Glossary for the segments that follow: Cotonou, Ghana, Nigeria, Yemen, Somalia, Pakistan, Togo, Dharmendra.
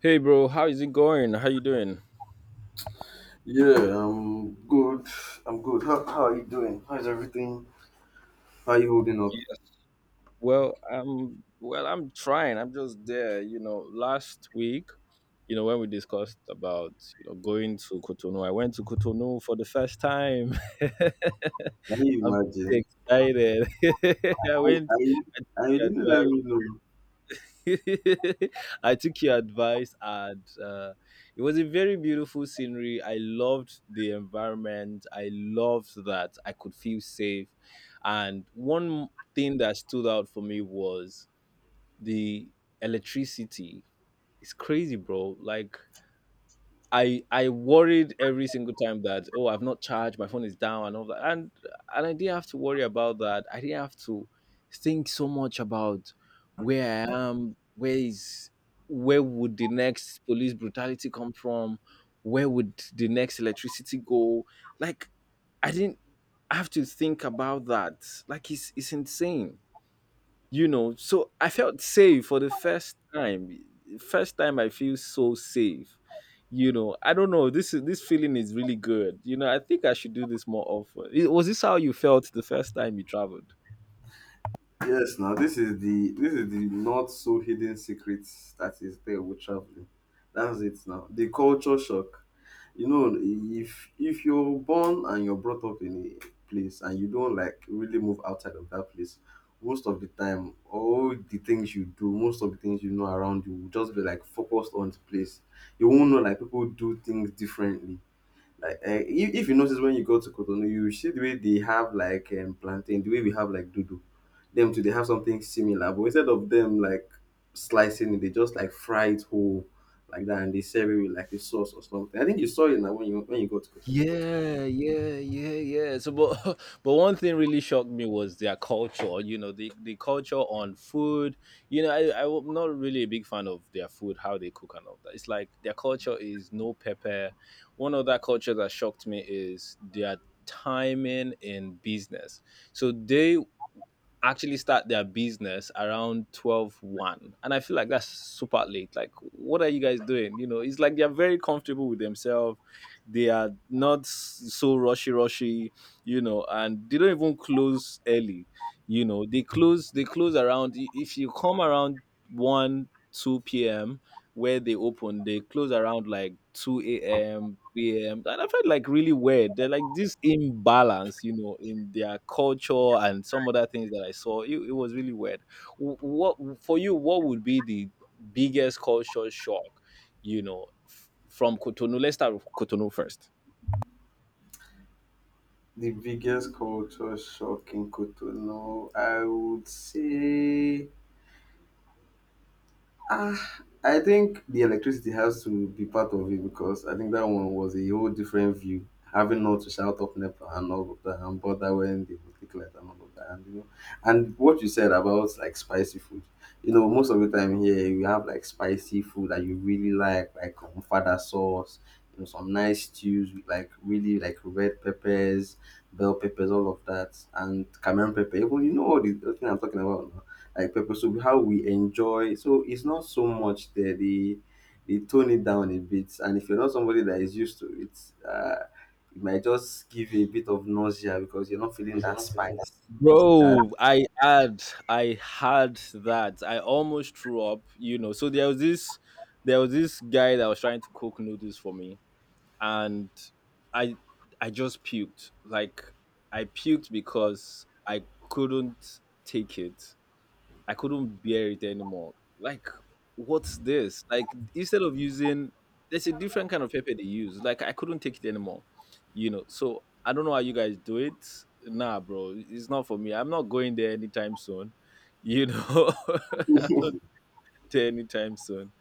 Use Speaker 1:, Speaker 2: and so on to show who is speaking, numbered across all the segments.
Speaker 1: Hey bro, how is it going? How you doing?
Speaker 2: Yeah, I'm good. I'm good. How are you doing? How's everything? How are you holding up?
Speaker 1: Yes. Well, I'm trying. I'm just there. Last week, when we discussed about, going to Cotonou, I went to Cotonou for the first time.
Speaker 2: Can you
Speaker 1: I'm
Speaker 2: imagine?
Speaker 1: pretty excited. I
Speaker 2: I,
Speaker 1: went I took
Speaker 2: I, I
Speaker 1: your
Speaker 2: didn't let
Speaker 1: advice.
Speaker 2: me know.
Speaker 1: I took your advice, and it was a very beautiful scenery. I loved the environment. I loved that I could feel safe. And one thing that stood out for me was the electricity. It's crazy, bro. Like I worried every single time that, oh, I've not charged my phone, is down and all that, and I didn't have to worry about that. I didn't have to think so much about where I am, where would the next police brutality come from, where would the next electricity go. Like, I didn't have to think about that. Like, it's insane. So I felt safe for the first time. First time I feel so safe. I don't know, this feeling is really good. I think I should do this more often. Was this how you felt the first time you traveled?
Speaker 2: Yes, now this is the not so hidden secrets that is there with traveling. That's it now. The culture shock. You know, if you're born and you're brought up in a place and you don't like really move outside of that place, most of the time all the things you do, most of the things you know around you will just be like focused on the place. You won't know like people do things differently like if you notice when you go to Cotonou you see the way they have like plantain the way we have like dodo them too they have something similar but instead of them like slicing it they just like fry it whole like that and they serve it with like a sauce or something. I think you saw it now when you go to Cotonou.
Speaker 1: Yeah, yeah, yeah, yeah. So, but but one thing really shocked me was their culture. The culture on food. You know, I'm not really a big fan of their food, how they cook and all that. It's like their culture is no pepper. One other culture that shocked me is their timing in business. So they actually start their business around 12, 1, and I feel like that's super late. Like, what are you guys doing? It's like they're very comfortable with themselves. They are not so rushy rushy. And they don't even close early. You know, they close around, if you come around 1 2 p.m where they open, they close around like 2 a.m., 3 a.m. And I felt like really weird. They're like this imbalance, you know, in their culture and some other things that I saw. It was really weird. What for you? What would be the biggest culture shock, from Cotonou? Let's start with Cotonou first.
Speaker 2: The biggest culture shock in Cotonou, I would say ah, I think the electricity has to be part of it because I think that one was a whole different view. Having not to shout up NEPA and all of that and bother when they would click light and all of that, and you know, and what you said about like spicy food. You know, most of the time here you have like spicy food that you really like fada sauce, you know, some nice stews with like really like red peppers, bell peppers, all of that, and Cameroon pepper. Even you know all the thing I'm talking about like pepper soup, how we enjoy. So it's not so much there. They tone it down a bit, and if you're not somebody that is used to it, uh, it might just give you a bit of nausea because you're not feeling that spice. That
Speaker 1: Bro, I had that. I almost threw up, you know. So there was this guy that was trying to cook noodles for me, and I I just puked. Like, I puked because I couldn't take it. I couldn't bear it anymore. Like, what's this? Like, instead of using, there's a different kind of pepper they use. Like, I couldn't take it anymore. You know. So I don't know how you guys do it. Nah, bro. It's not for me. I'm not going there anytime soon. You know, I'm not anytime soon,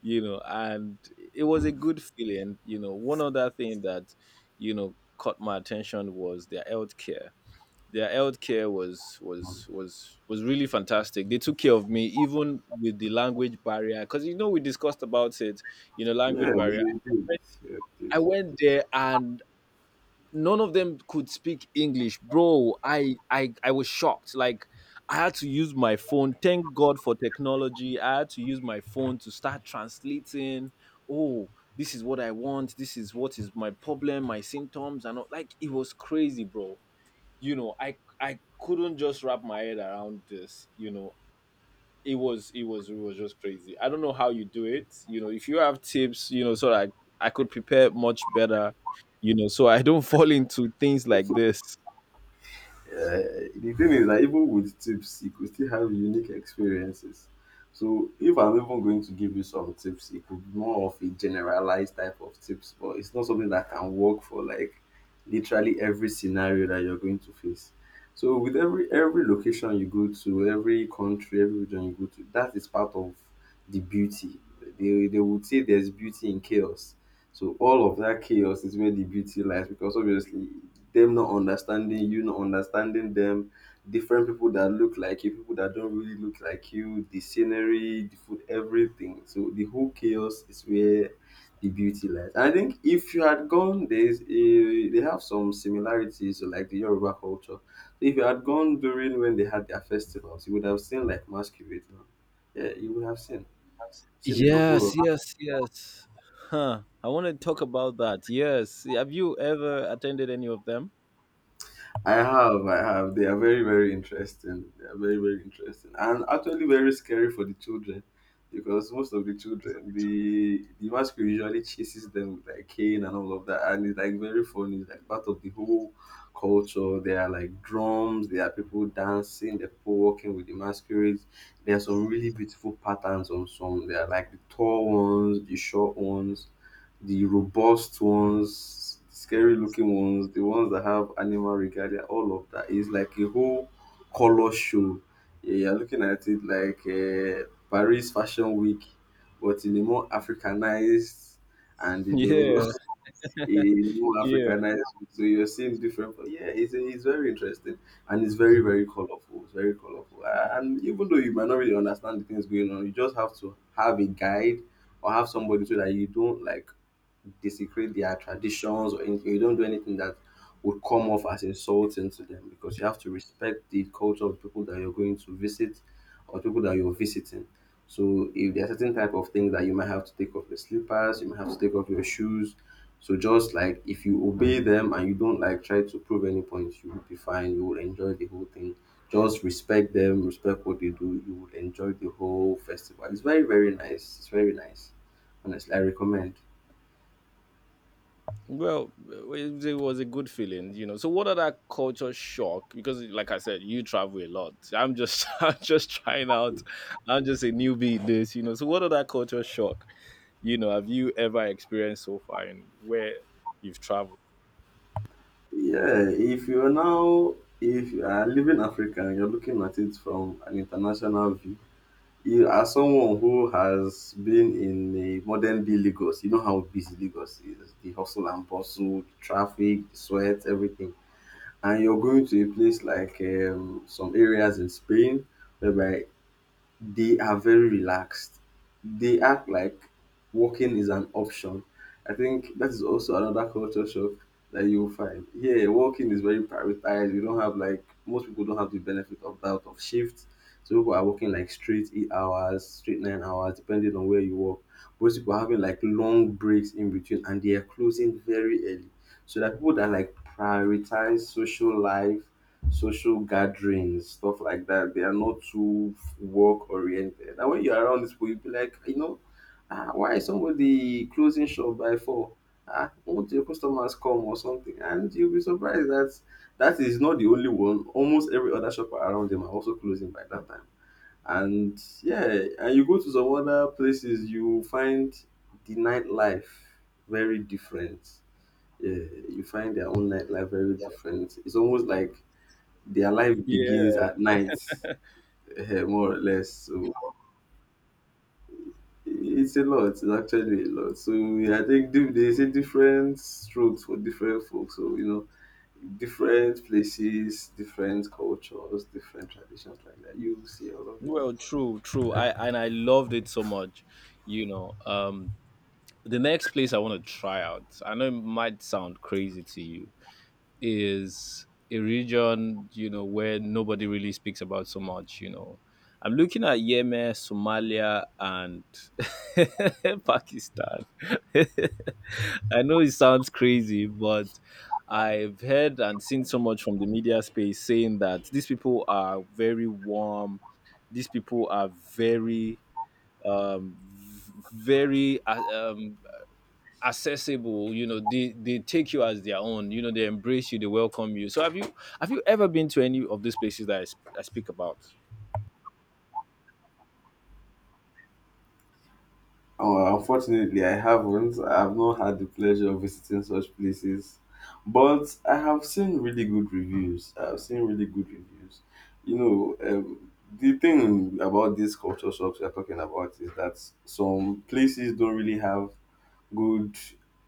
Speaker 1: you know, and it was a good feeling. You know, one other thing that, caught my attention was their healthcare. Their healthcare was
Speaker 2: um,
Speaker 1: was was was really fantastic. They took care of me even with the language barrier, because you know we discussed about it. You know,
Speaker 2: yeah,
Speaker 1: language barrier.
Speaker 2: we do. Yeah, we do.
Speaker 1: I went there, and none of them could speak English, bro. I was shocked. Like, I had to use my phone. Thank God for technology. I had to use my phone to start translating. Oh, this is what I want. This is what is my problem, my symptoms and all. Like, it was crazy, bro. You know, I couldn't just wrap my head around this. You know, it was just crazy. I don't know how you do it. You know, if you have tips, you know, so that I could prepare much better, you know, so I don't fall into things like this.
Speaker 2: The thing is that even with tips, you could still have unique experiences. So if I'm even going to give you some tips, it could be more of a generalized type of tips, but it's not something that can work for like literally every scenario that you're going to face. So with every location you go to, every country, every region you go to, that is part of the beauty. They would say there's beauty in chaos. So all of that chaos is where the beauty lies because obviously them not understanding you, not understanding them, different people that look like you, people that don't really look like you, the scenery, the food, everything. So the whole chaos is where the beauty lies. I think if you had gone, there's a, they have some similarities to like the Yoruba culture. If you had gone during when they had their festivals, you would have seen like masquerade. Now. Yeah, you would have seen a couple
Speaker 1: Yes,
Speaker 2: of
Speaker 1: yes, yes. Huh. I want to talk about that. Yes. Have you ever attended any of them?
Speaker 2: I have, I have. They are very, very interesting. They are very, very interesting, and actually very scary for the children, because most of the children, the mask usually chases them with like cane and all of that, and it's like very funny. It's like part of the whole culture. There are like drums. There are people dancing. There are people walking with the masquerades. There are some really beautiful patterns on some. There are like the tall ones, the short ones, the robust ones, scary looking ones, the ones that have animal regalia, all of that is like a whole color show. Yeah, you're looking at it like Paris Fashion Week, but in a more Africanized and you
Speaker 1: Yeah,
Speaker 2: know, in a more
Speaker 1: yeah.
Speaker 2: Africanized way. So you're seeing different. But yeah, it's very interesting and it's very very colorful. It's very colorful, and even though you might not really understand the things going on, you just have to have a guide or have somebody so that you don't like desecrate their traditions or anything. You don't do anything that would come off as insulting to them because you have to respect the culture of people that you're going to visit or people that you're visiting. So if there are certain type of things that you might have to take off your slippers, you might have to take off your shoes. So just like if you obey them and you don't like try to prove any point, you will be fine. You will enjoy the whole thing. Just respect them, respect what they do. You will enjoy the whole festival. It's very very nice. It's very nice. Honestly, I recommend.
Speaker 1: Well, it was a good feeling, you know. So, what other culture shock? Because, like I said, you travel a lot. I'm just, I'm just trying out. I'm just a newbie in this, you know. So, what other culture shock, you know, have you ever experienced so far, and where you've traveled?
Speaker 2: Yeah, if you're now, if you are living Africa and you're looking at it from an international view, you are someone who has been in the modern day Lagos. You know how busy Lagos is, the hustle and bustle, traffic, the sweat, everything. And you're going to a place like some areas in Spain, whereby they are very relaxed. They act like working is an option. I think that is also another culture shock that you'll find. Here, working is very prioritized. We don't have like most people don't have the benefit of that of shift. So people are working like straight 8 hours, straight 9 hours, depending on where you work. Most people are having like long breaks in between and they are closing very early. So that people that like prioritize social life, social gatherings, stuff like that, they are not too work oriented. And when you're around these people, you'll be like, "Ah, you know, ah, why is somebody closing shop by four? Ah, won't your customers come or something?" And you'll be surprised that that is not the only one. Almost every other shop around them are also closing by that time. And yeah, and you go to some other places, you find the nightlife very different. Yeah, you find their own nightlife very different. It's almost like their life begins
Speaker 1: Yeah.
Speaker 2: at night, eh, more or less. So it's a lot. It's actually a lot. So I think there's a different strokes for different folks. So you know, different places, different cultures, different traditions like that. You see all of it.
Speaker 1: Well, true, true.
Speaker 2: Yeah.
Speaker 1: I and I loved it so much. You know, um, the next place I want to try out, I know it might sound crazy to you, is a region, you know, where nobody really speaks about so much, you know. I'm looking at Yemen, Somalia, and Pakistan. I know it sounds crazy, but I've heard and seen so much from the media space saying that these people are very warm. These people are very um, accessible. You know, they take you as their own. You know, they embrace you, they welcome you. So have you ever been to any of these places that I speak about?
Speaker 2: Oh, unfortunately, I haven't. I've not had the pleasure of visiting such places, but I have seen really good reviews. I've seen really good reviews. You know, the thing about these culture shops we are talking about is that some places don't really have good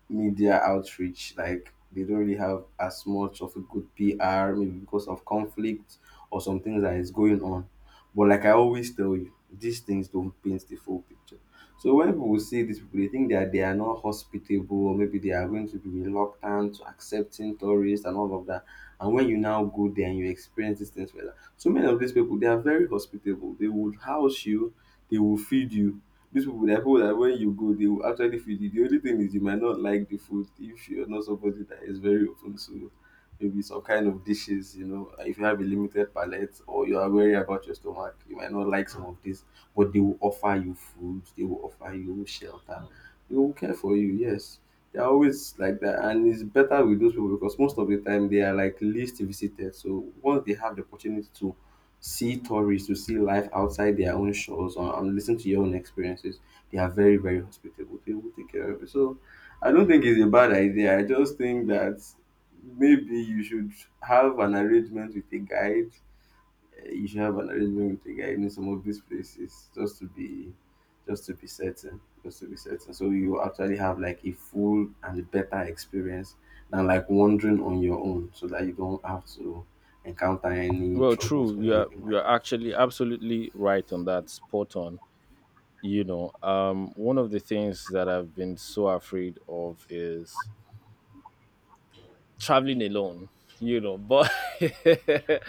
Speaker 2: media outreach. Like they don't really have as much of a good PR, maybe because of conflict or some things that is going on. But like I always tell you, these things don't paint the full picture. So when people see these people, they think that they are not hospitable, or maybe they are going to be reluctant to accepting tourists and all of that. And when you now go there and you experience these things, well, so many of these people they are very hospitable. They would house you, they will feed you, these people they people that when you go, they will actually feed you. The only thing is you might not like the food if you're not somebody that is very open to maybe some kind of dishes, you know. If you have a limited palate or you are worried about your stomach, you might not like some of this, but they will offer you food, they will offer you shelter, they will care for you, yes. They're always like that, and it's better with those people because most of the time they are like least visited. So once they have the opportunity to see tourists to see life outside their own shores or, and listen to your own experiences. They are very, very hospitable. They will take care of you. So I don't think it's a bad idea. I just think that maybe you should have an arrangement with a guide, you should have an arrangement with a guy in some of these places just to be certain, just to be certain, so you will actually have like a full and better experience than like wandering on your own so that you don't have to encounter any
Speaker 1: Well,
Speaker 2: troubles
Speaker 1: true,
Speaker 2: or anything
Speaker 1: you
Speaker 2: like
Speaker 1: are
Speaker 2: that.
Speaker 1: actually absolutely right on that, spot on. You know, one of the things that I've been so afraid of is traveling alone, you know. But this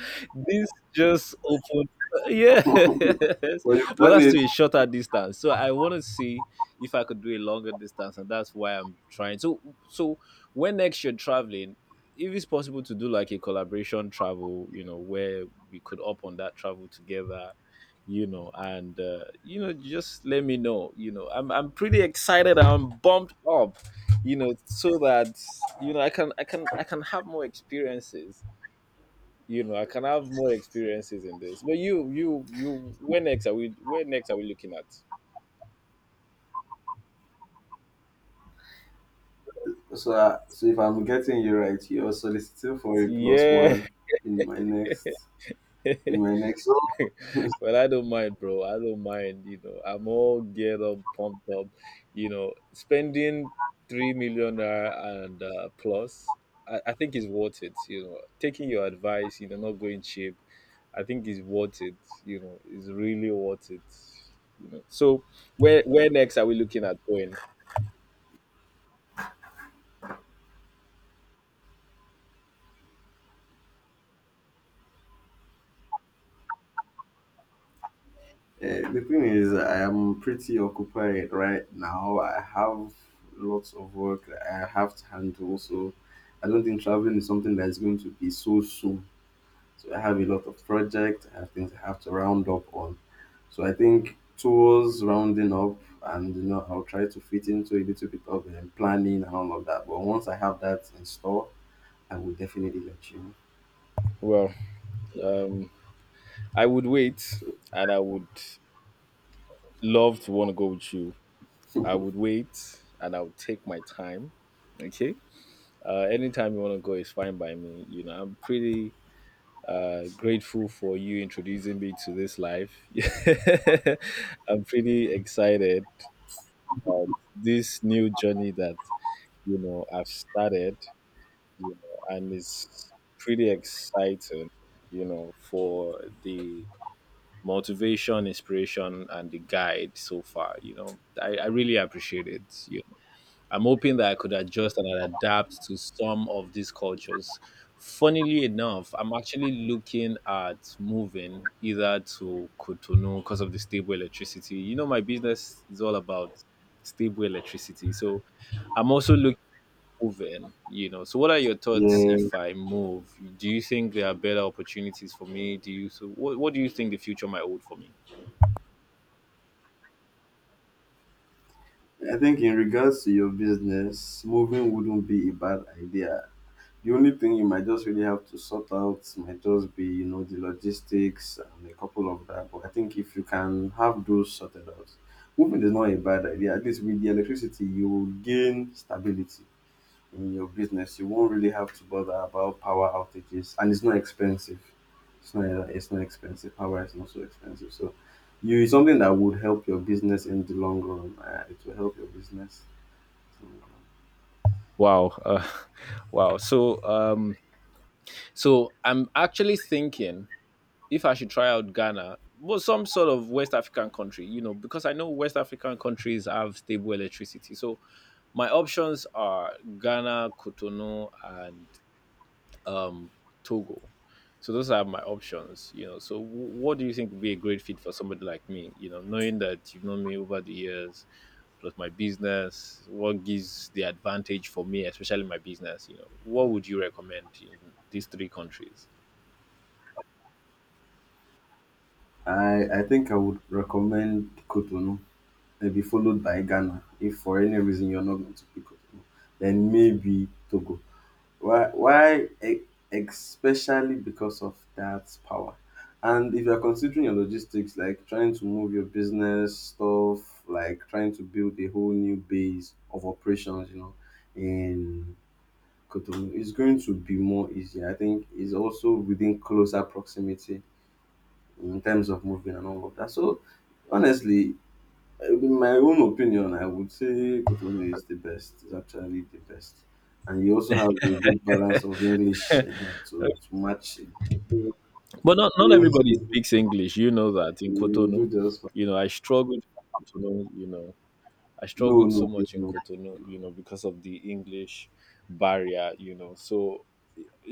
Speaker 1: just opened, yeah.
Speaker 2: Well, you've
Speaker 1: But
Speaker 2: done
Speaker 1: that's
Speaker 2: it.
Speaker 1: to a shorter distance. So I want to see if I could do a longer distance, and that's why I'm trying. So, so when next you're traveling, if it's possible to do like a collaboration travel, you know, where we could up on that travel together. You know, and you know, just let me know. You know, I'm pretty excited. I'm bumped up, you know, so that, you know, I can have more experiences. You know, I can have more experiences in this. But you where next are we looking at?
Speaker 2: So if I'm getting you right, you're soliciting for a plus
Speaker 1: Yeah.
Speaker 2: one in my next.
Speaker 1: Well, I don't mind, bro. I don't mind. You know, I'm all geared up, pumped up. You know, spending 3 million naira and plus, I think is worth it. You know, taking your advice, you know, not going cheap, I think is worth it. You know, is really worth it. You know, so where next are we looking at going?
Speaker 2: The thing is, I am pretty occupied right now. I have lots of work that I have to handle, so I don't think traveling is something that is going to be so soon. So I have a lot of projects, I have things I have to round up on. So I think tours rounding up, and you know, I'll try to fit into a little bit of planning and all of that. But once I have that in store, I will definitely let you know.
Speaker 1: Well, um, I would wait,
Speaker 2: So
Speaker 1: and I would love to want to go with you. I would wait, and I would take my time. Okay. Anytime you want to go is fine by me. You know, I'm pretty grateful for you introducing me to this life. I'm pretty excited about this new journey that, you know, I've started. You know, and it's pretty exciting. You know, for the motivation, inspiration, and the guide so far. You know, I really appreciate it. You I'm hoping that I could adjust and adapt to some of these cultures. Funnily enough, I'm actually looking at moving either to Cotonou because of the stable electricity. You know, my business is all about stable electricity. So I'm also looking at moving, you know. So what are your thoughts
Speaker 2: yeah,
Speaker 1: if I move? Do you think there are better opportunities for me? Do you so what do you think the future might hold for me?
Speaker 2: I think in regards to your business, moving wouldn't be a bad idea. The only thing you might just really have to sort out might just be, you know, the logistics and a couple of that. But I think if you can have those sorted out, moving is not a bad idea. At least with the electricity, you will gain stability in your business. You won't really have to bother about power outages, and it's not expensive. It's not. It's not expensive. Power is not so expensive. So, you it's something that would help your business in the long run. It will help your business in the long run.
Speaker 1: Wow. Wow. So I'm actually thinking if I should try out Ghana. Well, some sort of West African country, you know, because I know West African countries have stable electricity. So my options are Ghana, Cotonou, and um, Togo. So those are my options, you know. So what do you think would be a great fit for somebody like me? You know, knowing that you've known me over the years, plus my business, what gives the advantage for me, especially my business? You know, what would you recommend in these three countries?
Speaker 2: I think I would recommend Kotonou, may be followed by Ghana if for any reason you're not going to pick up, then maybe Togo. Why? Especially because of that power. And if you're considering your logistics, like trying to move your business stuff, like trying to build a whole new base of operations, you know, in Cotonou, it's going to be more easier. I think it's also within closer proximity in terms of moving and all of that. So honestly, in my own opinion, I would say Cotonou is the best. It's actually the best, and you also have a good balance of English eh, to match it.
Speaker 1: But not everybody
Speaker 2: You
Speaker 1: speaks English. You know that in Cotonou,
Speaker 2: do just fine.
Speaker 1: you know I struggled. In Cotonou, you know, I
Speaker 2: No,
Speaker 1: struggled so
Speaker 2: no,
Speaker 1: much in
Speaker 2: no.
Speaker 1: Cotonou, you know, because of the English barrier. You know, so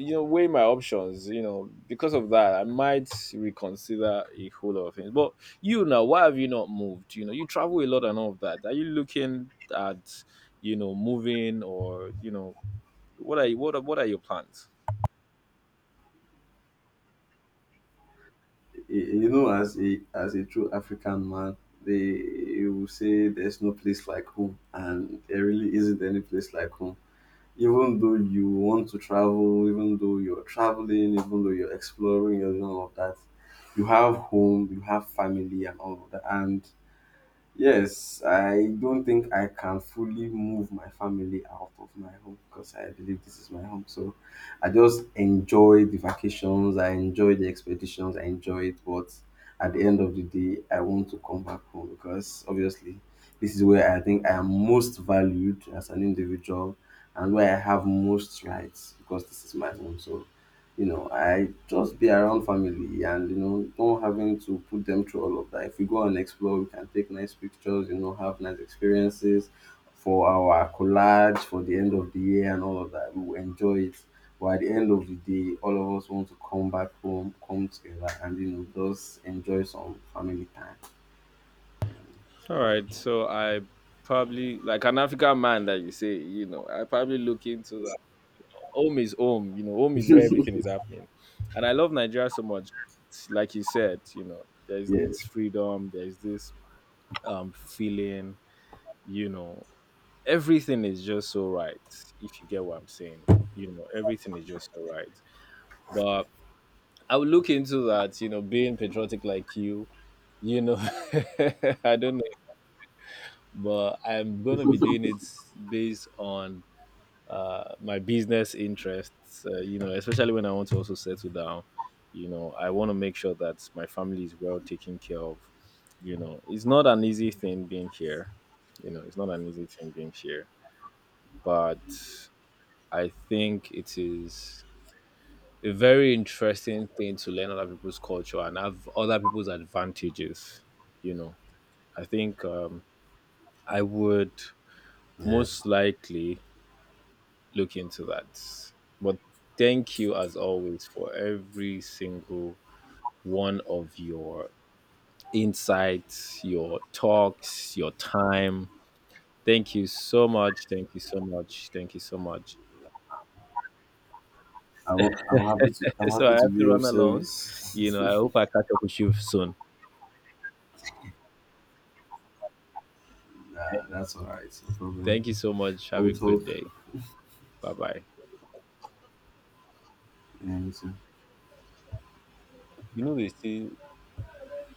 Speaker 1: you know weigh my options. You know, because of that, I might reconsider a whole lot of things. But you now, why have you not moved? You know, you travel a lot and all of that. Are you looking at, you know, moving, or, you know, what are you, what are your plans?
Speaker 2: You know, as a true African man, they you will say there's no place like home, and there really isn't any place like home. Even though you want to travel, even though you're traveling, even though you're exploring and all of that, you have home, you have family and all of that. And yes, I don't think I can fully move my family out of my home because I believe this is my home. So I just enjoy the vacations, I enjoy the expeditions, I enjoy it. But at the end of the day, I want to come back home because obviously this is where I think I am most valued as an individual and where I have most rights because this is my home. So you know, I just be around family and you know, not having to put them through all of that. If we go and explore, we can take nice pictures, you know, have nice experiences for our collage for the end of the year and all of that. We will enjoy it. But at the end of the day, all of us want to come back home, come together, and you know, just enjoy some family time. So
Speaker 1: All
Speaker 2: yeah,
Speaker 1: right, so I probably, like an African man that you say, you know, I probably look into that. Home is home, you know, home is where everything is happening. And I love Nigeria so much. Like you said, you know, there's
Speaker 2: yeah,
Speaker 1: this freedom, there's this feeling, you know, everything is just so right, if you get what I'm saying. You know, everything is just so right. But I would look into that, you know, being patriotic like you. You know, I don't know. But I'm gonna be doing it based on my business interests. You know, especially when I want to also settle down. You know, I want to make sure that my family is well taken care of. You know, it's not an easy thing being here. You know, it's not an easy thing being here, but I think it is a very interesting thing to learn other people's culture and have other people's advantages. You know, I think I would
Speaker 2: yeah.
Speaker 1: most likely look into that. But thank you as always for every single one of your insights, your talks, your time. Thank you so much. Thank you so much. Thank you so much.
Speaker 2: I'm happy to I'm
Speaker 1: So I
Speaker 2: happy to
Speaker 1: have to
Speaker 2: be of
Speaker 1: run along. You know,
Speaker 2: service.
Speaker 1: I hope I catch up with you soon.
Speaker 2: Nah, that's all right, no problem.
Speaker 1: Thank you so much. Have
Speaker 2: We'll
Speaker 1: a good
Speaker 2: talk
Speaker 1: day. Bye bye.
Speaker 2: and.
Speaker 1: You know, they say